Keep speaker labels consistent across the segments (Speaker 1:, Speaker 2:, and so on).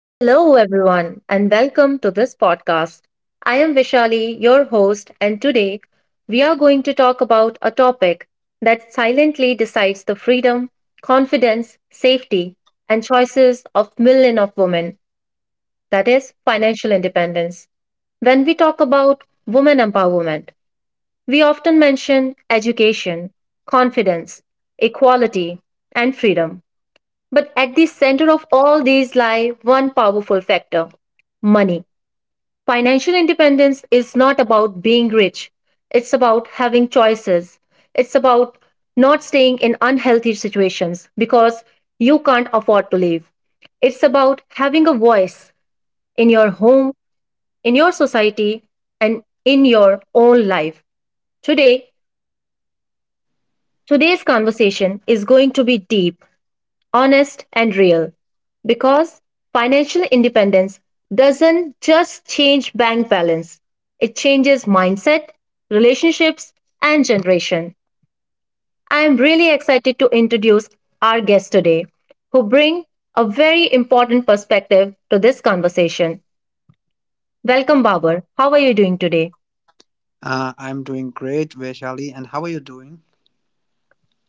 Speaker 1: Hello, everyone, and welcome to this podcast. I am Vishali, your host, and today we are going to talk about a topic that silently decides the freedom, confidence, safety, and choices of millions of women, that is, financial independence. When we talk about women empowerment, we often mention education, confidence, equality, and freedom. But at the center of all these lie one powerful factor: money. Financial independence is not about being rich, it's about having choices. It's about not staying in unhealthy situations because you can't afford to leave. It's about having a voice in your home, in your society, and in your own life. Today, today's conversation is going to be deep, honest, and real. Because financial independence doesn't just change bank balance, it changes mindset, relationships, and generation. I am really excited to introduce our guest today, who bring a very important perspective to this conversation. Welcome, Babar. How are you doing today?
Speaker 2: I'm doing great, Vaishali, and how are you doing?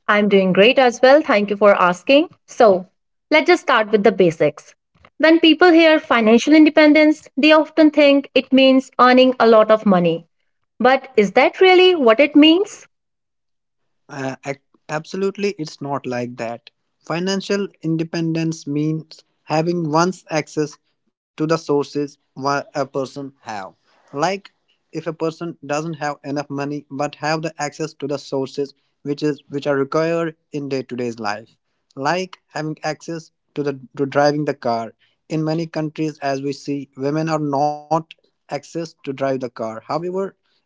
Speaker 1: I'm doing great as well. Thank you for asking. So, let's just start with the basics. When people hear financial independence, they often think it means earning a lot of money. But is that really what it means?
Speaker 2: Uh, ac- Absolutely, it's not like that. Financial independence means having one's access to the sources what a person have. Like if a person doesn't have enough money but have the access to the sources which are required in day-to-day's life. Like having access to the to driving the car in many countries as we see women are not access to drive the car, however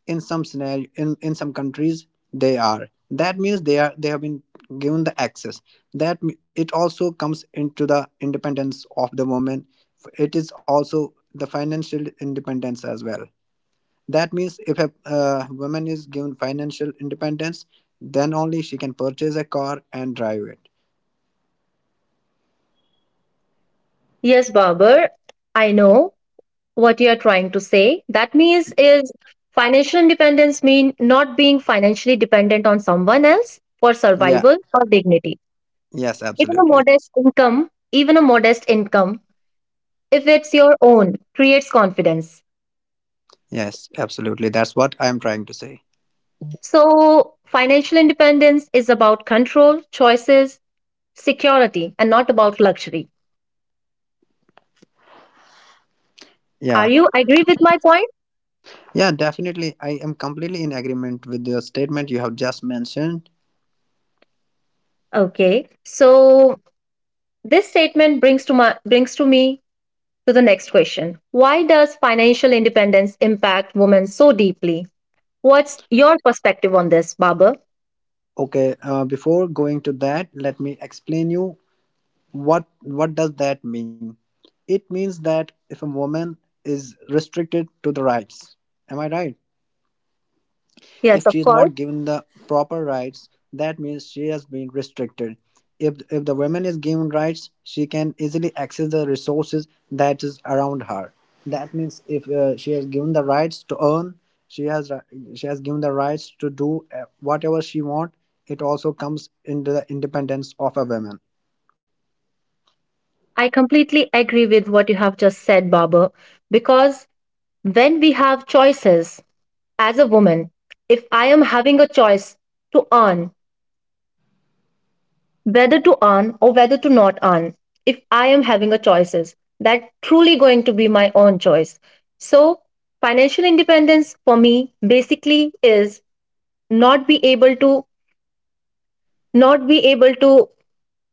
Speaker 2: in some scenario in some countries they are, that means they are, they have been given the access, that it also comes into the independence of the woman, it is also the financial independence as well. That means if a woman is given financial independence, then only she can purchase a car and drive it.
Speaker 1: Yes, Babar, I know what you are trying to say. That means, is financial independence mean not being financially dependent on someone else for
Speaker 2: Yeah.
Speaker 1: survival or dignity?
Speaker 2: Yes,
Speaker 1: Even a
Speaker 2: absolutely.
Speaker 1: modest income, even a modest income, if it's your own, creates confidence.
Speaker 2: Yes, absolutely. That's what I'm trying to say.
Speaker 1: So, financial independence is about control, choices, security, and not about luxury. Are
Speaker 2: Yeah.
Speaker 1: you agree with my point?
Speaker 2: Yeah, definitely. I am completely in agreement with the statement you have just mentioned.
Speaker 1: Okay. So, this statement brings to my brings to me to the next question. Why does financial independence impact women so deeply? What's your perspective on this, Baba?
Speaker 2: Okay, before going to that, let me explain you what does that mean? It means that if a woman is restricted to the rights, am I right?
Speaker 1: Yes,
Speaker 2: If
Speaker 1: of
Speaker 2: she is
Speaker 1: course.
Speaker 2: not given the proper rights, that means she has been restricted. If the woman is given rights, she can easily access the resources that is around her. That means if she has given the rights to earn, she has given the rights to do whatever she want. It also comes into the independence of a woman.
Speaker 1: I completely agree with what you have just said, Baba, because when we have choices as a woman, if I am having a choice to earn, whether to earn or whether to not earn, if I am having a choices, that truly going to be my own choice. So financial independence for me basically is not be able to not be able to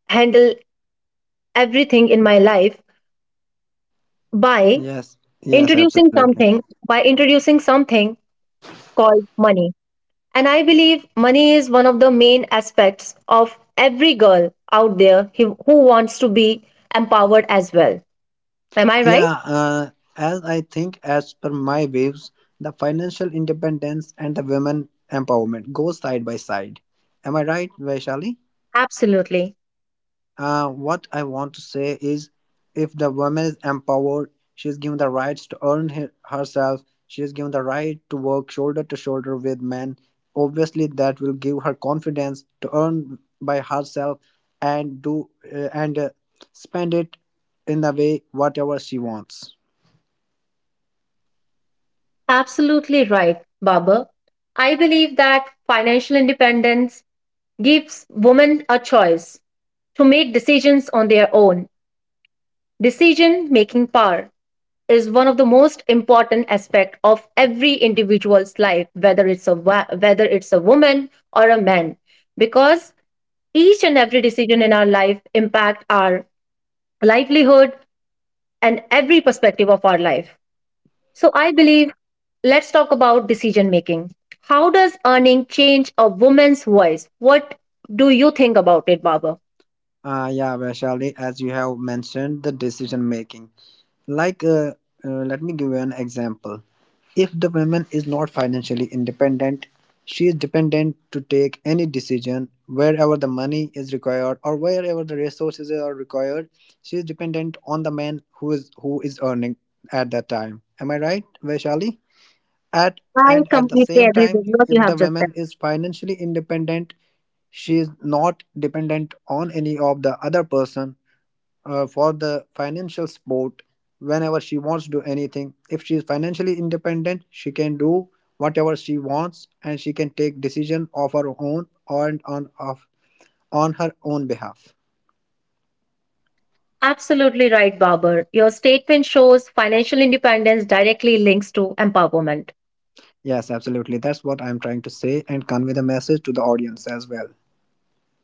Speaker 1: handle everything in my life by
Speaker 2: Yes, yes,
Speaker 1: introducing
Speaker 2: absolutely.
Speaker 1: something by introducing something called money. And I believe money is one of the main aspects of every girl out there who wants to be empowered as well. Am I
Speaker 2: Yeah,
Speaker 1: right?
Speaker 2: as I think, as per my views, the financial independence and the women empowerment go side by side. Am I right, Vaishali?
Speaker 1: Absolutely.
Speaker 2: What I want to say is, if the woman is empowered, she is given the rights to earn herself. She is given the right to work shoulder to shoulder with men. Obviously, that will give her confidence to earn by herself and do and spend it in the way whatever she wants.
Speaker 1: Absolutely right, Baba. I believe that financial independence gives women a choice to make decisions on their own. Decision making power is one of the most important aspect of every individual's life, whether it's a whether it's a woman or a man, because each and every decision in our life impact our livelihood and every perspective of our life. So I believe, let's talk about decision making. How does earning change a woman's voice? What do you think about it, Barbara?
Speaker 2: Yeah, Vaishali, as you have mentioned, the decision making. Like, uh, Let me give you an example. If the woman is not financially independent, she is dependent to take any decision wherever the money is required or wherever the resources are required. She is dependent on the man who is earning at that time. Am I right, Vaishali? At
Speaker 1: I
Speaker 2: and at the
Speaker 1: completely
Speaker 2: same
Speaker 1: agree
Speaker 2: time,
Speaker 1: with what you
Speaker 2: if
Speaker 1: have
Speaker 2: the
Speaker 1: just
Speaker 2: woman
Speaker 1: said.
Speaker 2: is financially independent, she is not dependent on any of the other person for the financial support. Whenever she wants to do anything, if she is financially independent, she can do whatever she wants, and she can take decision of her own and on her own behalf.
Speaker 1: Absolutely right, Babar. Your statement shows financial independence directly links to empowerment.
Speaker 2: Yes, absolutely. That's what I'm trying to say and convey the message to the audience as well.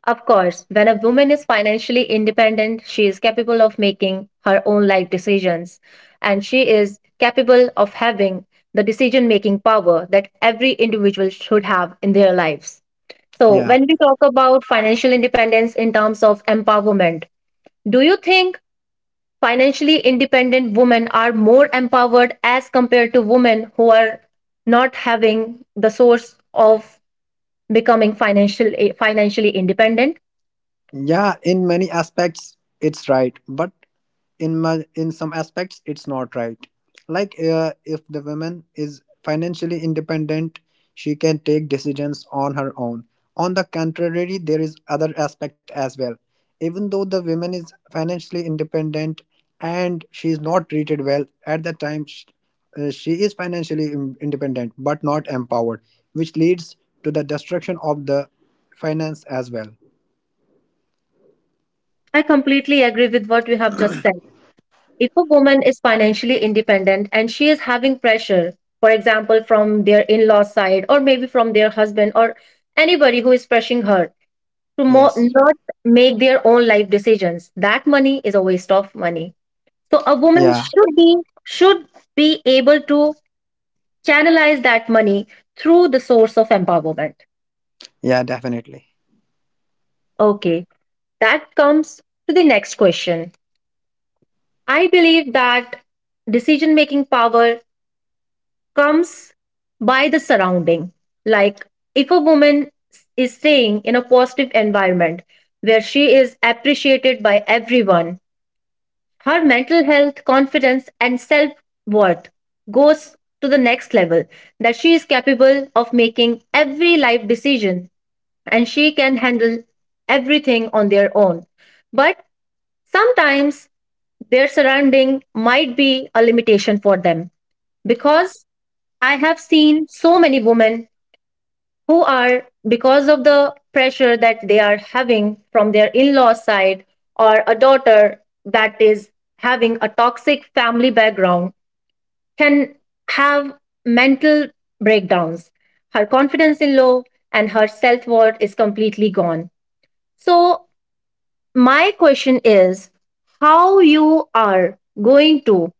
Speaker 1: Of course, when a woman is financially independent, she is capable of making her own life decisions and she is capable of having the decision making power that every individual should have in their lives. So,
Speaker 2: Yeah.
Speaker 1: when we talk about financial independence in terms of empowerment, do you think financially independent women are more empowered as compared to women who are not having the source of becoming financially independent?
Speaker 2: Yeah, in many aspects it's right, but in some aspects it's not right. Like if the woman is financially independent, she can take decisions on her own. On the contrary, there is other aspect as well. Even though the woman is financially independent and she is not treated well, at the time she is financially independent but not empowered, which leads to the destruction of the finance as well.
Speaker 1: I completely agree with what you have just said. If a woman is financially independent and she is having pressure, for example, from their in law side or maybe from their husband or anybody who is pressing her to
Speaker 2: Yes.
Speaker 1: not make their own life decisions, that money is a waste of money. So a woman
Speaker 2: Yeah.
Speaker 1: should be, should be able to channelize that money through the source of empowerment.
Speaker 2: Yeah, definitely.
Speaker 1: Okay, that comes to the next question. I believe that decision making power comes by the surrounding. Like if a woman is staying in a positive environment where she is appreciated by everyone, her mental health, confidence, and self worth goes to the next level, that she is capable of making every life decision and she can handle everything on their own. But sometimes their surrounding might be a limitation for them, because I have seen so many women who are, because of the pressure that they are having from their in law side or a daughter, that is having a toxic family background, can have mental breakdowns. Her confidence is low and her self worth is completely gone. So, my question is, how you are going to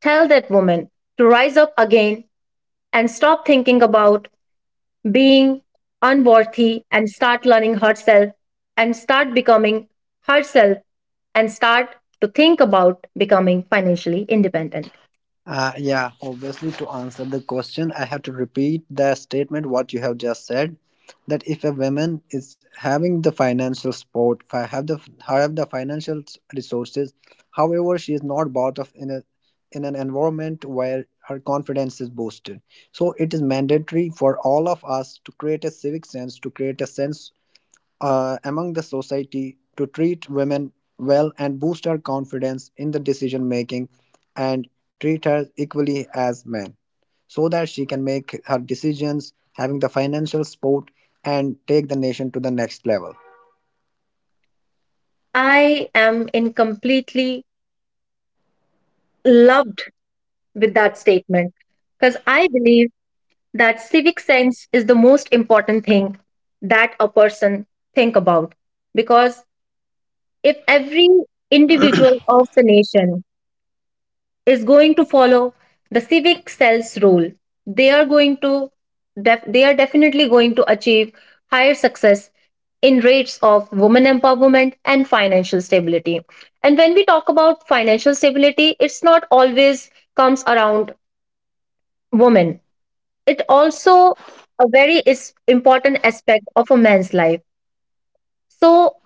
Speaker 1: tell that woman to rise up again and stop thinking about being unworthy and start learning herself and start becoming herself and start to think about becoming financially independent?
Speaker 2: Yeah, obviously, to answer the question, I have to repeat the statement what you have just said, that if a woman is having the financial support, have the financial resources, however, she is not brought up in a in an environment where her confidence is boosted. So it is mandatory for all of us to create a civic sense, to create a sense among the society to treat women well and boost her confidence in the decision making, and treat her equally as men, so that she can make her decisions having the financial support and take the nation to the next level.
Speaker 1: I am in completely loved with that statement, because I believe that civic sense is the most important thing that a person think about, because if every individual of the nation is going to follow the civic cells rule, they are going to they are definitely going to achieve higher success in rates of women empowerment and financial stability. And when we talk about financial stability, it's not always comes around women. It also a very is important aspect of a man's life. So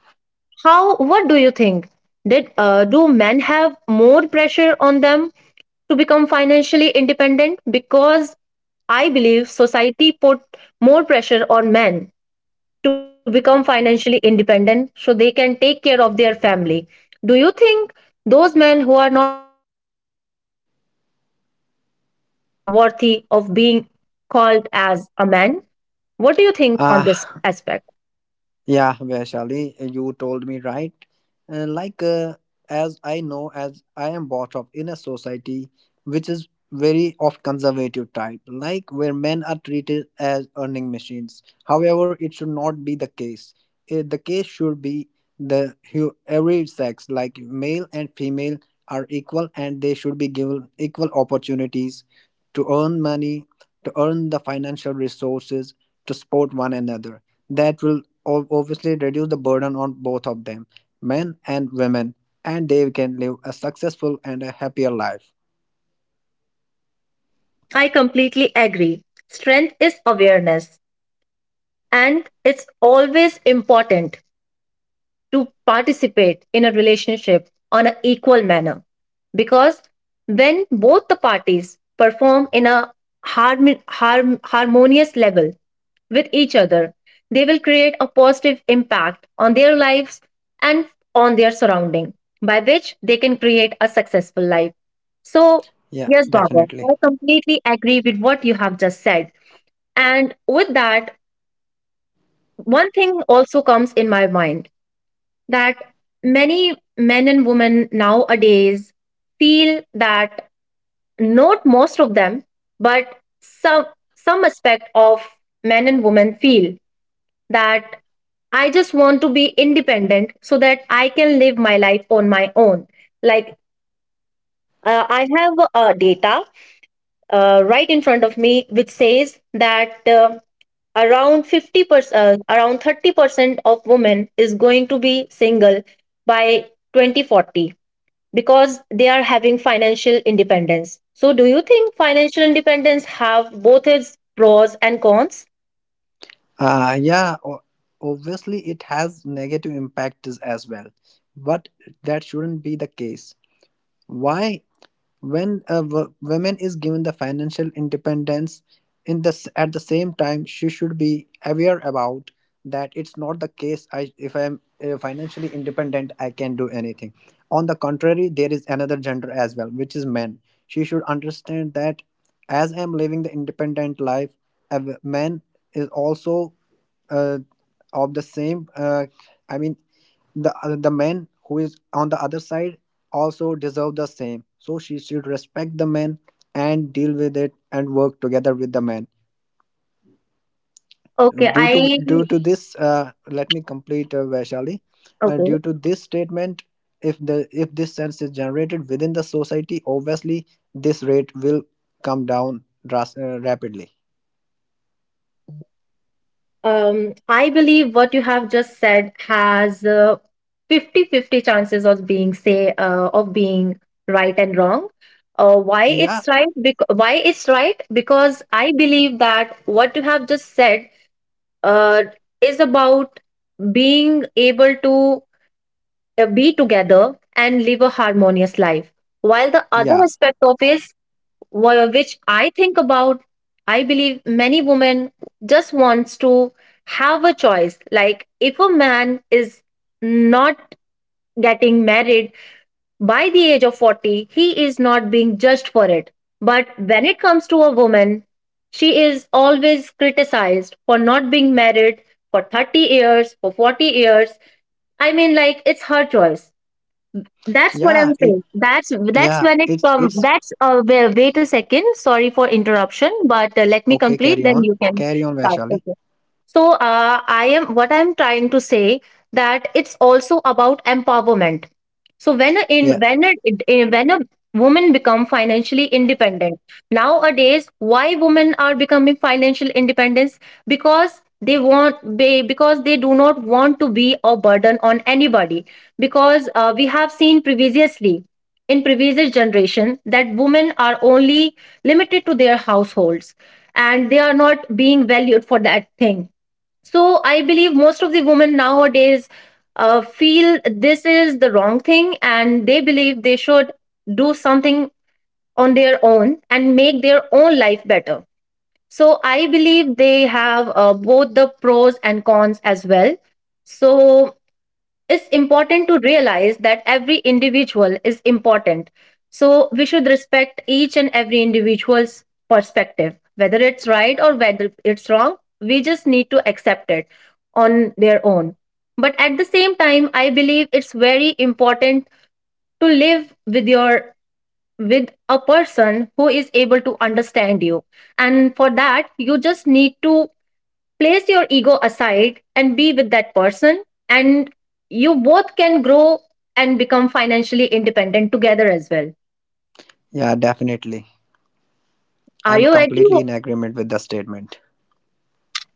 Speaker 1: how, what do you think? Did do men have more pressure on them to become financially independent, because I believe society put more pressure on men to become financially independent so they can take care of their family. Do you think those men who are not financially independent are not worthy of being called as a man? What do you think on this aspect?
Speaker 2: uh, Yeah, Vaishali, you told me right. Uh, like, uh, as I know, as I am brought up in a society which is very of conservative type, like where men are treated as earning machines. However, it should not be the case. The case should be every sex, like male and female, are equal, and they should be given equal opportunities to earn money, to earn the financial resources to support one another. That will obviously reduce the burden on both of them, men and women, and they can live a successful and a happier life.
Speaker 1: I completely agree. Strength is awareness and it's always important to participate in a relationship on an equal manner. Because when both the parties perform in a harmonious level with each other, they will create a positive impact on their lives and on their surrounding, by which they can create a successful life. So,
Speaker 2: Yeah,
Speaker 1: yes, Baba,
Speaker 2: definitely.
Speaker 1: I completely agree with what you have just said. And with that, one thing also comes in my mind, that many men and women nowadays feel that, not most of them, but some aspect of men and women feel that, I just want to be independent so that I can live my life on my own. Like, I have data right in front of me which says that around 50%, around 30% of women is going to be single by 2040 because they are having financial independence. So, do you think financial independence have both its pros and cons?
Speaker 2: Uh, yeah, o- Obviously it has negative impacts as well, but that shouldn't be the case. Why? When a woman is given the financial independence, in this at the same time she should be aware about that it's not the case. If I am financially independent, I can do anything. On the contrary, there is another gender as well, which is men. She should understand that as I am living the independent life, a man is also uh, of the same I mean, the man who is on the other side also deserve the same. So she should respect the man and deal with it and work together with the man.
Speaker 1: Okay,
Speaker 2: due to due to this let me complete, Vaishali. Due
Speaker 1: Okay.
Speaker 2: to this statement, if this sense is generated within the society, obviously this rate will come down rapidly.
Speaker 1: I believe what you have just said has 50 fifty chances of being say of being right and wrong. Why
Speaker 2: Uh, yeah
Speaker 1: it's right? Why it's right? Because I believe that what you have just said uh, is about being able to be together and live a harmonious life. While the other
Speaker 2: yeah
Speaker 1: aspect of is which I think about, I believe many women just wants to have a choice. Like if a man is not getting married by the age of 40, he is not being judged for it. But when it comes to a woman, she is always criticized for not being married for 30 years, for 40 years. I mean, like, it's her choice. That's what
Speaker 2: yeah,
Speaker 1: I'm saying. That's when it
Speaker 2: it's
Speaker 1: come. That's wait, wait a second. Sorry for interruption, but let me
Speaker 2: okay,
Speaker 1: complete.
Speaker 2: carry
Speaker 1: Then
Speaker 2: on,
Speaker 1: you can
Speaker 2: carry on,
Speaker 1: start.
Speaker 2: Vaishali.
Speaker 1: Okay, so I am, what I'm trying to say, that it's also about empowerment. So when a
Speaker 2: Yeah.
Speaker 1: when a woman become financially independent, nowadays why women are becoming financial independence, because they want, they because they do not want to be a burden on anybody, because we have seen previously, in previous generation, that women are only limited to their households and they are not being valued for that thing. So I believe most of the women nowadays feel this is the wrong thing and they believe they should do something on their own and make their own life better. So I believe they have both the pros and cons as well. So it's important to realize that every individual is important. So we should respect each and every individual's perspective, whether it's right or whether it's wrong. We just need to accept it on their own. But at the same time, I believe it's very important to live with your, with a person who is able to understand you, and for that you just need to place your ego aside and be with that person, and you both can grow and become financially independent together as well.
Speaker 2: Yeah, definitely.
Speaker 1: Are
Speaker 2: I'm
Speaker 1: you ready?
Speaker 2: completely in agreement with the statement.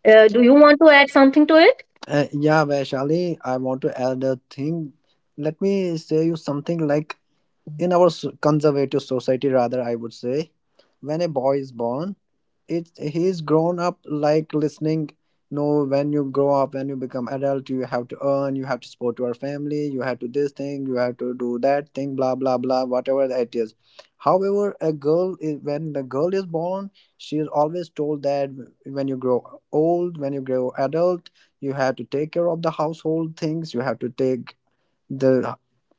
Speaker 1: Uh, do you want to add something to it?
Speaker 2: Yeah, Vaishali, I want to add a thing. Let me say you something. Like in our conservative society, rather, I would say, when a boy is born, it's he's grown up like listening, no, when you grow up, when you become adult, you have to earn, you have to support your family, you have to this thing, you have to do that thing, blah blah blah, whatever that is. However, a girl is when the girl is born, she is always told that when you grow old, when you grow adult, you have to take care of the household things, you have to take the,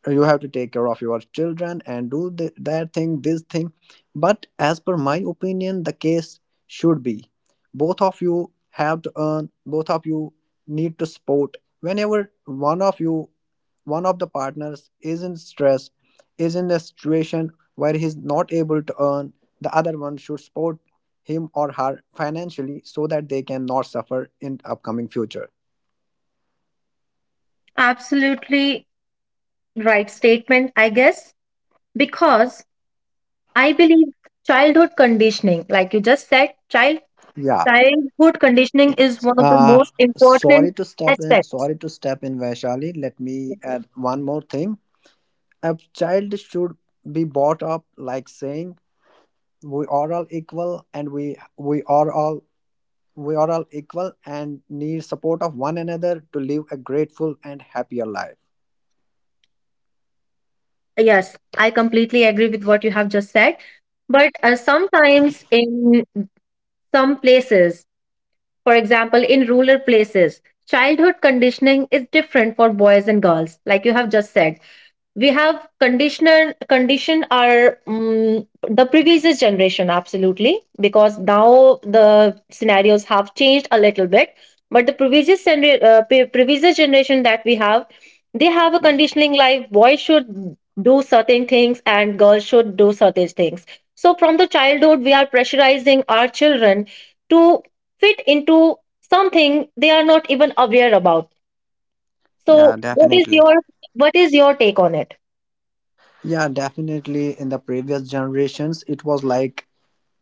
Speaker 2: you have to take care of your children and do that thing this thing. But as per my opinion, the case should be both of you have to earn, both of you need to support whenever one of you, one of the partners is in stress, is in a situation where he's not able to earn, the other one should support him or her financially, so that they can not suffer in upcoming future.
Speaker 1: Absolutely right statement, I guess. Because I believe childhood conditioning, like you just said,
Speaker 2: Yeah.
Speaker 1: childhood conditioning is
Speaker 2: It's
Speaker 1: one of the most important
Speaker 2: sorry to step in,
Speaker 1: aspects.
Speaker 2: sorry to step in, Vaishali. Let me add one more thing. A child should be brought up like saying we are all equal, and we are all, we are all equal and need support of one another to live a grateful and happier life.
Speaker 1: Yes, I completely agree with what you have just said, but sometimes in some places. For example, in rural places, childhood conditioning is different for boys and girls, like you have just said. We have conditioner conditioned our the previous generation, absolutely, because now the scenarios have changed a little bit. But the previous generation that we have, they have a conditioning like boys should do certain things and girls should do certain things. So from the childhood we are pressurizing our children to fit into something they are not even aware about. So
Speaker 2: Yeah,
Speaker 1: what is
Speaker 2: definitely.
Speaker 1: your what is your take on it?
Speaker 2: Yeah, definitely. In the previous generations, it was like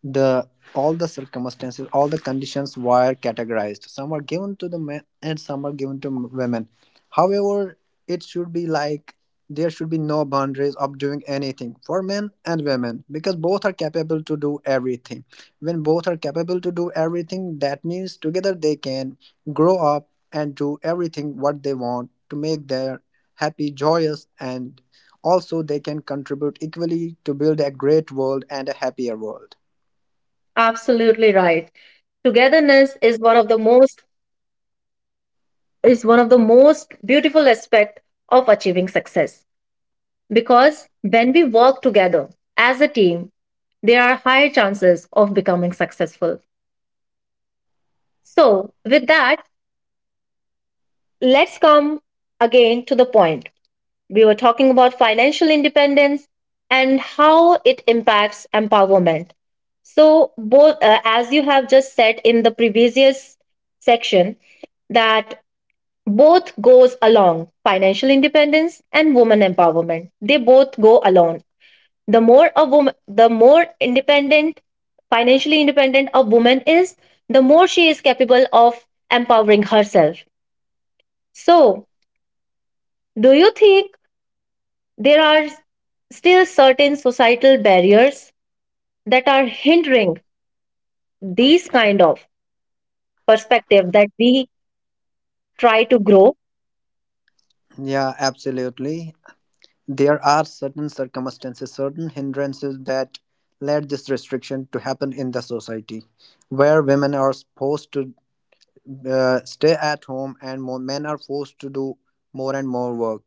Speaker 2: the all the circumstances, all the conditions were categorized, some are given to the men and some are given to women. However, it should be like there should be no boundaries of doing anything for men and women, because both are capable to do everything. When both are capable to do everything, that means together they can grow up and do everything what they want to make their happy, joyous, and also they can contribute equally to build a great world and a happier world.
Speaker 1: Absolutely right. Togetherness is one of the most beautiful aspect of achieving success, because when we work together as a team, there are higher chances of becoming successful. So, with that, let's come again to the point. We were talking about financial independence and how it impacts empowerment. So, both, as you have just said in the previous section, that both goes along, financial independence and woman empowerment, they both go along. The more a woman the more independent, financially independent a woman is, the more she is capable of empowering herself. So, do you think there are still certain societal barriers that are hindering these kind of perspective that we try to grow?
Speaker 2: Yeah, absolutely. There are certain circumstances, certain hindrances that led this restriction to happen in the society, where women are supposed to stay at home and more men are forced to do more and more work.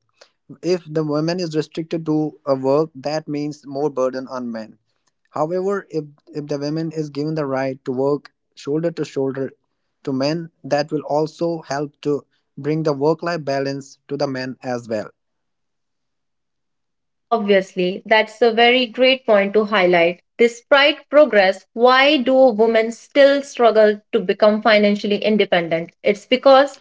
Speaker 2: If the woman is restricted to a work, that means more burden on men. However, if the women is given the right to work shoulder to shoulder to men, that will also help to bring the work life balance to the men as well.
Speaker 1: Obviously, that's a very great point to highlight. Despite progress, why do women still struggle to become financially independent? It's because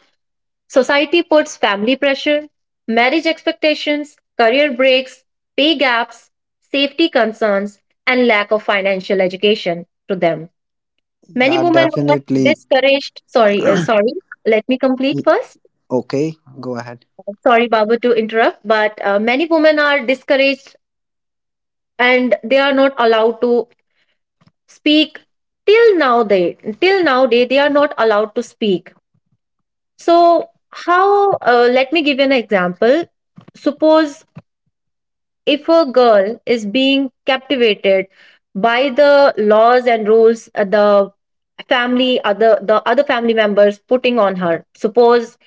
Speaker 1: society puts family pressure, marriage expectations, career breaks, pay gaps, safety concerns, and lack of financial education to them. Many
Speaker 2: Yeah,
Speaker 1: women were
Speaker 2: definitely.
Speaker 1: discouraged. Sorry, sorry. Let me complete
Speaker 2: Mm.
Speaker 1: first.
Speaker 2: Okay, go ahead.
Speaker 1: Sorry, Babu, to interrupt, but many women are discouraged and they are not allowed to speak. Till now they, till now they are not allowed to speak. So how, let me give you an example. Suppose if a girl is being captivated by the laws and rules, uh, the other family members putting on her. Suppose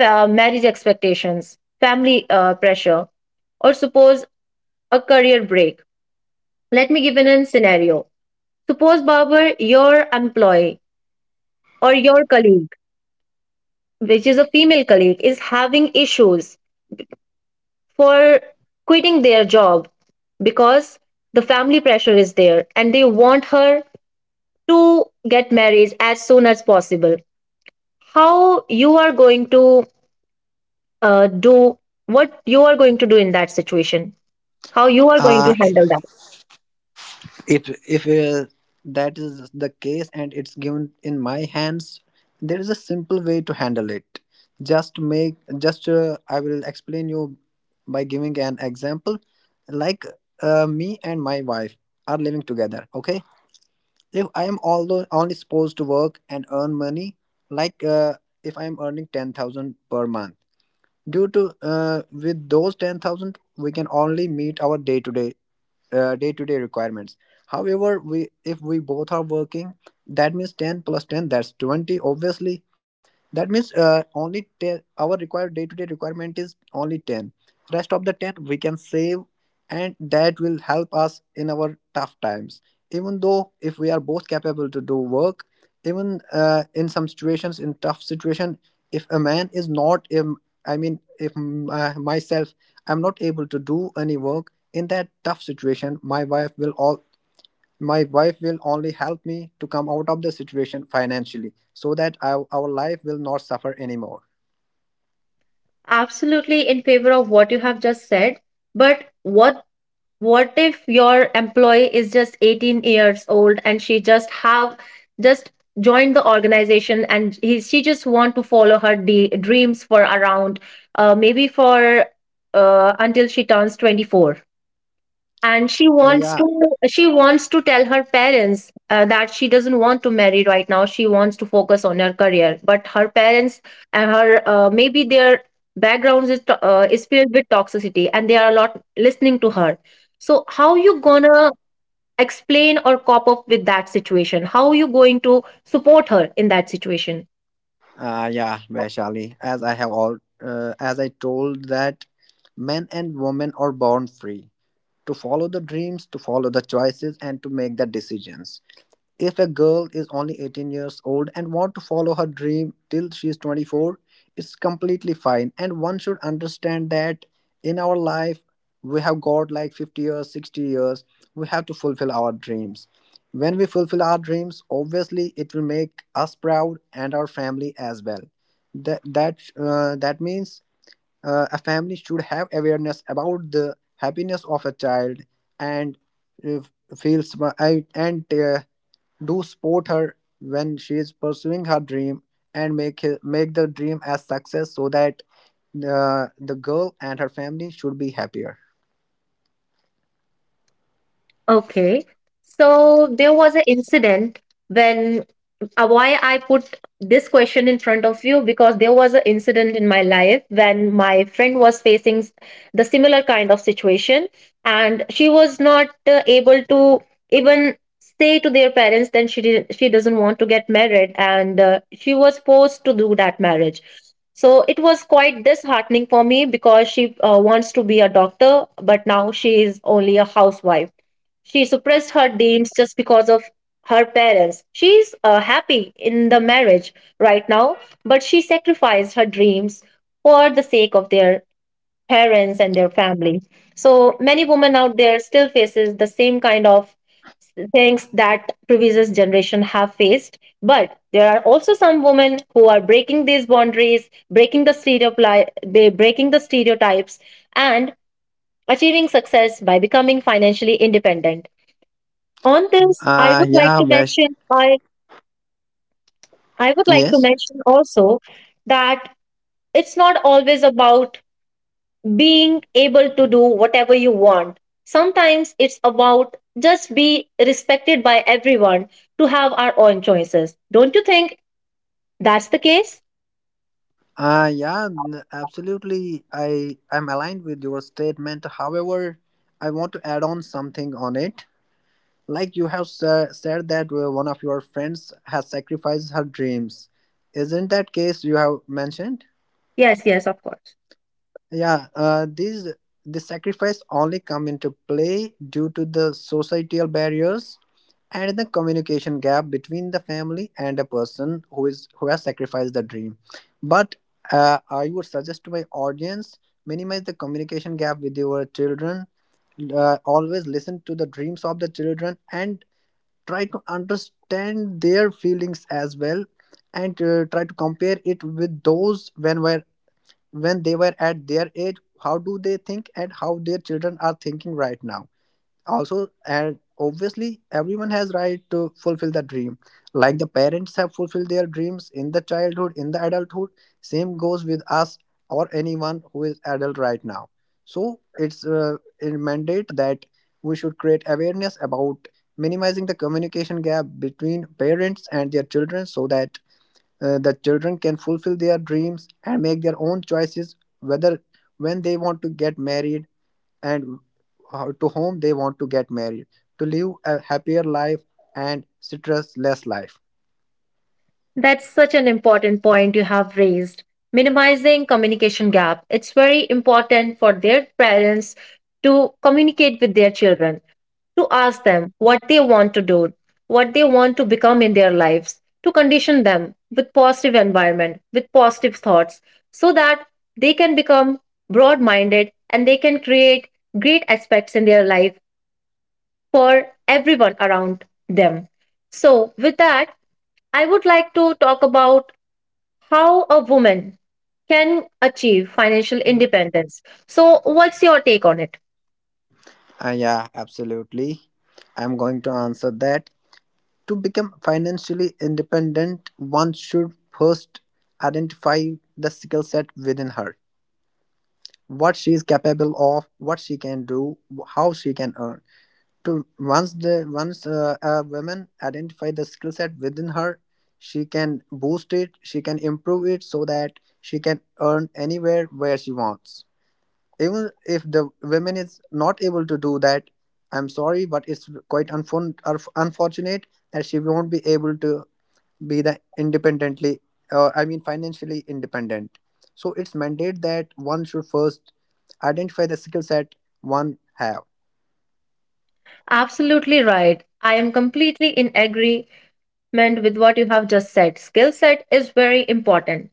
Speaker 1: marriage expectations, family pressure, or suppose a career break. Let me give you an scenario. Suppose, barber, your employee or your colleague, which is a female colleague, is having issues for quitting their job, because the family pressure is there and they want her to get married as soon as possible. How you are going to do what you are going to do in that situation? How you are going to
Speaker 2: Uh
Speaker 1: handle that?
Speaker 2: it, if that is the case and it's given in my hands, there is a simple way to handle it. Just make just I will explain you by giving an example. Like me and my wife are living together. Okay, if I am although only supposed to work and earn money, like uh, if I am earning 10,000 per month due to with those 10,000 we can only meet our day to day day-to-day requirements. However, we if we both are working, that means 10 plus 10, that's 20. Obviously, that means only 10, our required day-to-day requirement is only 10. Rest of the 10 we can save, and that will help us in our tough times, even though if we are both capable to do work. Even in some situations, in tough situation, if a man is not, if myself, I'm not able to do any work, in that tough situation my wife will only help me to come out of the situation financially so that our life will not suffer anymore.
Speaker 1: Absolutely in favor of what you have just said, but what if your employee is just 18 years old and she just have just joined the organization and she just want to follow her dreams for around, maybe for until she turns 24, and
Speaker 2: And yeah
Speaker 1: she wants to tell her parents that she doesn't want to marry right now, she wants to focus on her career, but her parents and her, maybe their backgrounds is is filled with toxicity and they are not listening to her. So how you
Speaker 2: uh,
Speaker 1: gonna explain or cop up with that situation? How are you going to support her in that situation?
Speaker 2: yeah, Vaishali, as I have all as I told, that men and women are born free to follow the dreams, to follow the choices, and to make the decisions. If a girl is only 18 years old and want to follow her dream till she is 24, it's completely fine. And one should understand that in our life, we have got like 50 years, 60 years, we have to fulfill our dreams. When we fulfill our dreams, obviously it will make us proud and our family as well. That means a family should have awareness about the happiness of a child and uh, feels and do support her when she is pursuing her dream and make the dream as success so that the girl and her family should be happier.
Speaker 1: Okay. So there was an incident when, why I put this question in front of you, because there was an incident in my life when my friend was facing the similar kind of situation and she was not able to even say to their parents that she doesn't want to get married, and she was forced to do that marriage. So it was quite disheartening for me, because she wants to be a doctor but now she is only a housewife. She suppressed her dreams just because of her parents. She's happy in the marriage right now, but she sacrificed her dreams for the sake of their parents and their family. So many women out there still faces the same kind of things that previous generation have faced, but there are also some women who are breaking the stereotypes and achieving success by becoming financially independent. On this,
Speaker 2: Yeah, Vesh.
Speaker 1: I would like to
Speaker 2: Yes.
Speaker 1: mention also that it's not always about being able to do whatever you want. Sometimes it's about just be respected by everyone, to have our own choices. Don't you think that's the case?
Speaker 2: Absolutely. I'm aligned with your statement. However, I want to add on something on it. Like you have said that one of your friends has sacrificed her dreams. Isn't that case you have mentioned?
Speaker 1: Yes, yes, of course.
Speaker 2: Yeah, these, the sacrifice only come into play due to the societal barriers and the communication gap between the family and a person who has sacrificed the dream. But I would suggest to my audience, minimize the communication gap with your children. Always listen to the dreams of the children and try to understand their feelings as well, and try to compare it with those when they were at their age, how do they think and how their children are thinking right now also. And obviously everyone has right to fulfill the dream, like the parents have fulfilled their dreams in the childhood, in the adulthood, same goes with us or anyone who is adult right now. So it's a mandate that we should create awareness about minimizing the communication gap between parents and their children, so that the children can fulfill their dreams and make their own choices whether, when they want to get married, and how, to whom they want to get married, to live a happier life and stress less life.
Speaker 1: That's such an important point you have raised. Minimizing communication gap. It's very important for their parents to communicate with their children, to ask them what they want to do, what they want to become in their lives, to condition them with positive environment, with positive thoughts, so that they can become broad minded and they can create great aspects in their life for everyone around them. So, with that, I would like to talk about how a woman can achieve financial independence. So, what's your take on it?
Speaker 2: Yeah, absolutely, I'm going to answer that. To become financially independent, one should first identify the skill set within her, what she is capable of, what she can do, how she can earn. To once the once uh, a woman identify the skill set within her, she can boost it, she can improve it, so that she can earn anywhere where she wants. Even if the women is not able to do that, I'm sorry, but it's quite unfortunate that she won't be able to be the independently, financially independent. So it's mandate that one should first identify the skill set one have.
Speaker 1: Absolutely right. I am completely in agreement with what you have just said. Skill set is very important.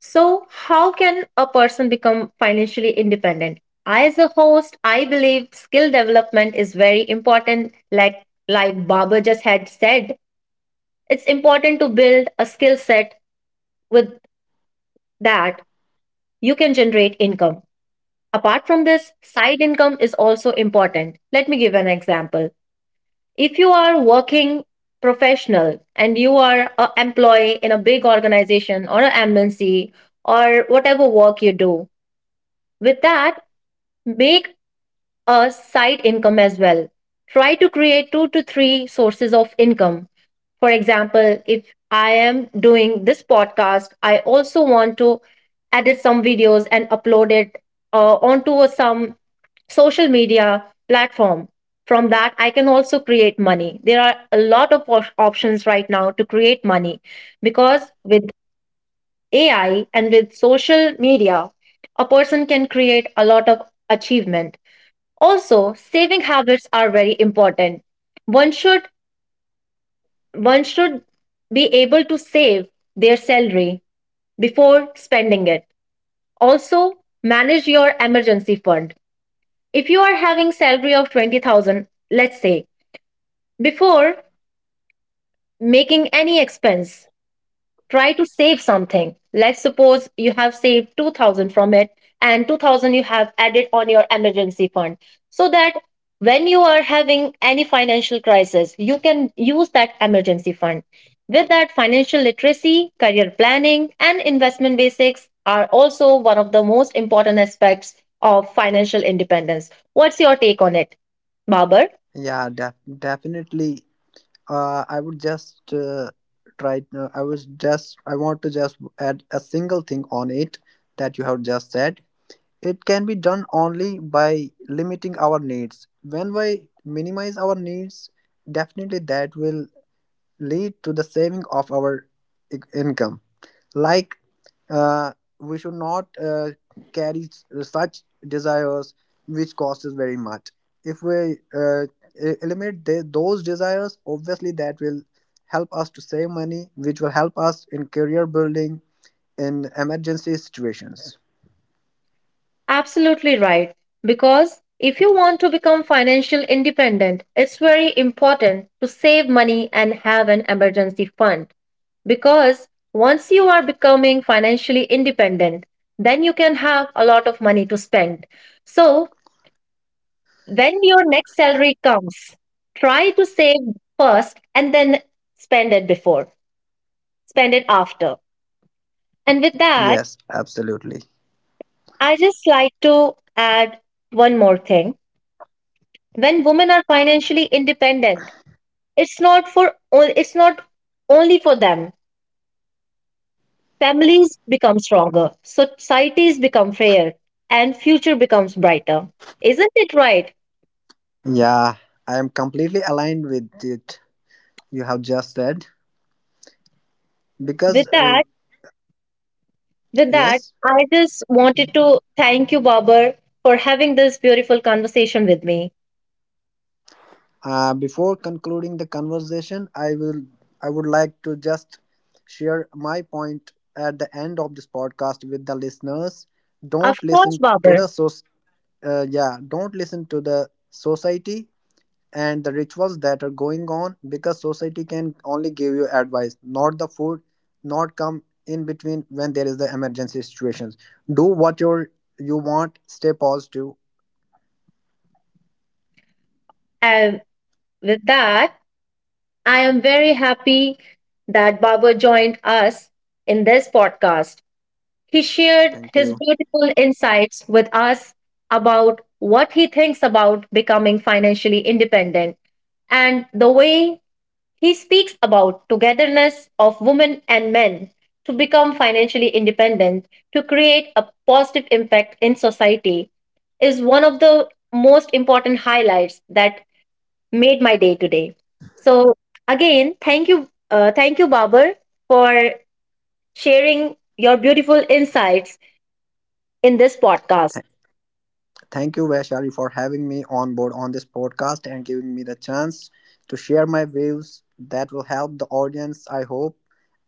Speaker 1: So, how can a person become financially independent? I, as a host, I believe skill development is very important. Like Baba just had said, it's important to build a skill set with that you can generate income. Apart from this, side income is also important. Let me give an example. If you are working professional and you are an employee in a big organization or an MNC or whatever work you do, with that, make a side income as well. Try to create two to three sources of income. For example, if I am doing this podcast, I also want to edit some videos and upload it some social media platform. From that, I can also create money. There are a lot of options right now to create money, because with AI and with social media, a person can create a lot of achievement. Also, saving habits are very important. One should One should be able to save their salary before spending it. Also, manage your emergency fund. If you are having salary of 20,000, let's say, before making any expense, try to save something. Let's suppose you have saved 2000 from it and 2000 you have added on your emergency fund, so that when you are having any financial crisis you can use that emergency fund. With that, financial literacy, career planning and investment basics are also one of the most important aspects of financial independence. What's your take on it, babar?
Speaker 2: Definitely. I would just try. I was just. I want to just add a single thing on it that you have just said. It can be done only by limiting our needs. When we minimize our needs, definitely that will lead to the saving of our income. Like uh, we should not carry such desires which cost us very much. If we eliminate those desires, obviously that will help us to save money, which will help us in career building, in emergency situations.
Speaker 1: Absolutely right. Because if you want to become financial independent, it's very important to save money and have an emergency fund. Because once you are becoming financially independent, then you can have a lot of money to spend. So when your next salary comes, try to save first and then spend it before, spend it after. And with that,
Speaker 2: Yes, absolutely.
Speaker 1: I just like to add one more thing. When women are financially independent, it's not only for them, families become stronger, societies become fairer, and future becomes brighter. Isn't it right?
Speaker 2: Yeah, I am completely aligned with it you have just said.
Speaker 1: With
Speaker 2: Because
Speaker 1: that,
Speaker 2: Yes.
Speaker 1: I just wanted to thank you, babar, for having this beautiful conversation with me.
Speaker 2: Before concluding the conversation, I would like to just share my point at the end of this podcast with the listeners.
Speaker 1: Of
Speaker 2: Don't
Speaker 1: course,
Speaker 2: listen to
Speaker 1: babar.
Speaker 2: the so Yeah, don't listen to the society and the rituals that are going on, because society can only give you advice, not the food, not come in between when there is the emergency situations. Do what you want. Stay positive.
Speaker 1: And with that, I am very happy that babar joined us in this podcast. He shared
Speaker 2: Thank
Speaker 1: his
Speaker 2: you.
Speaker 1: beautiful insights with us about what he thinks about becoming financially independent, and the way he speaks about togetherness of women and men to become financially independent, to create a positive impact in society, is one of the most important highlights that made my day today. So, again, thank you, babar, for sharing your beautiful insights in this podcast.
Speaker 2: Thank you, Vaishali, for having me on board on this podcast and giving me the chance to share my views that will help the audience, I hope,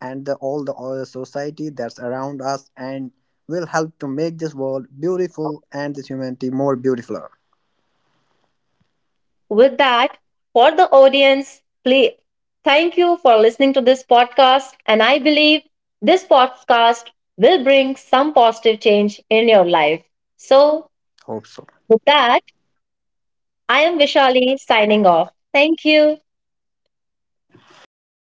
Speaker 2: and the, all the all the society that's around us, and will help to make this world beautiful and this humanity more beautiful.
Speaker 1: With that, for the audience, please, thank you for listening to this podcast. And I believe this podcast will bring some positive change in your life. So,
Speaker 2: Hope so.
Speaker 1: with that, I am Vishali signing off. Thank you.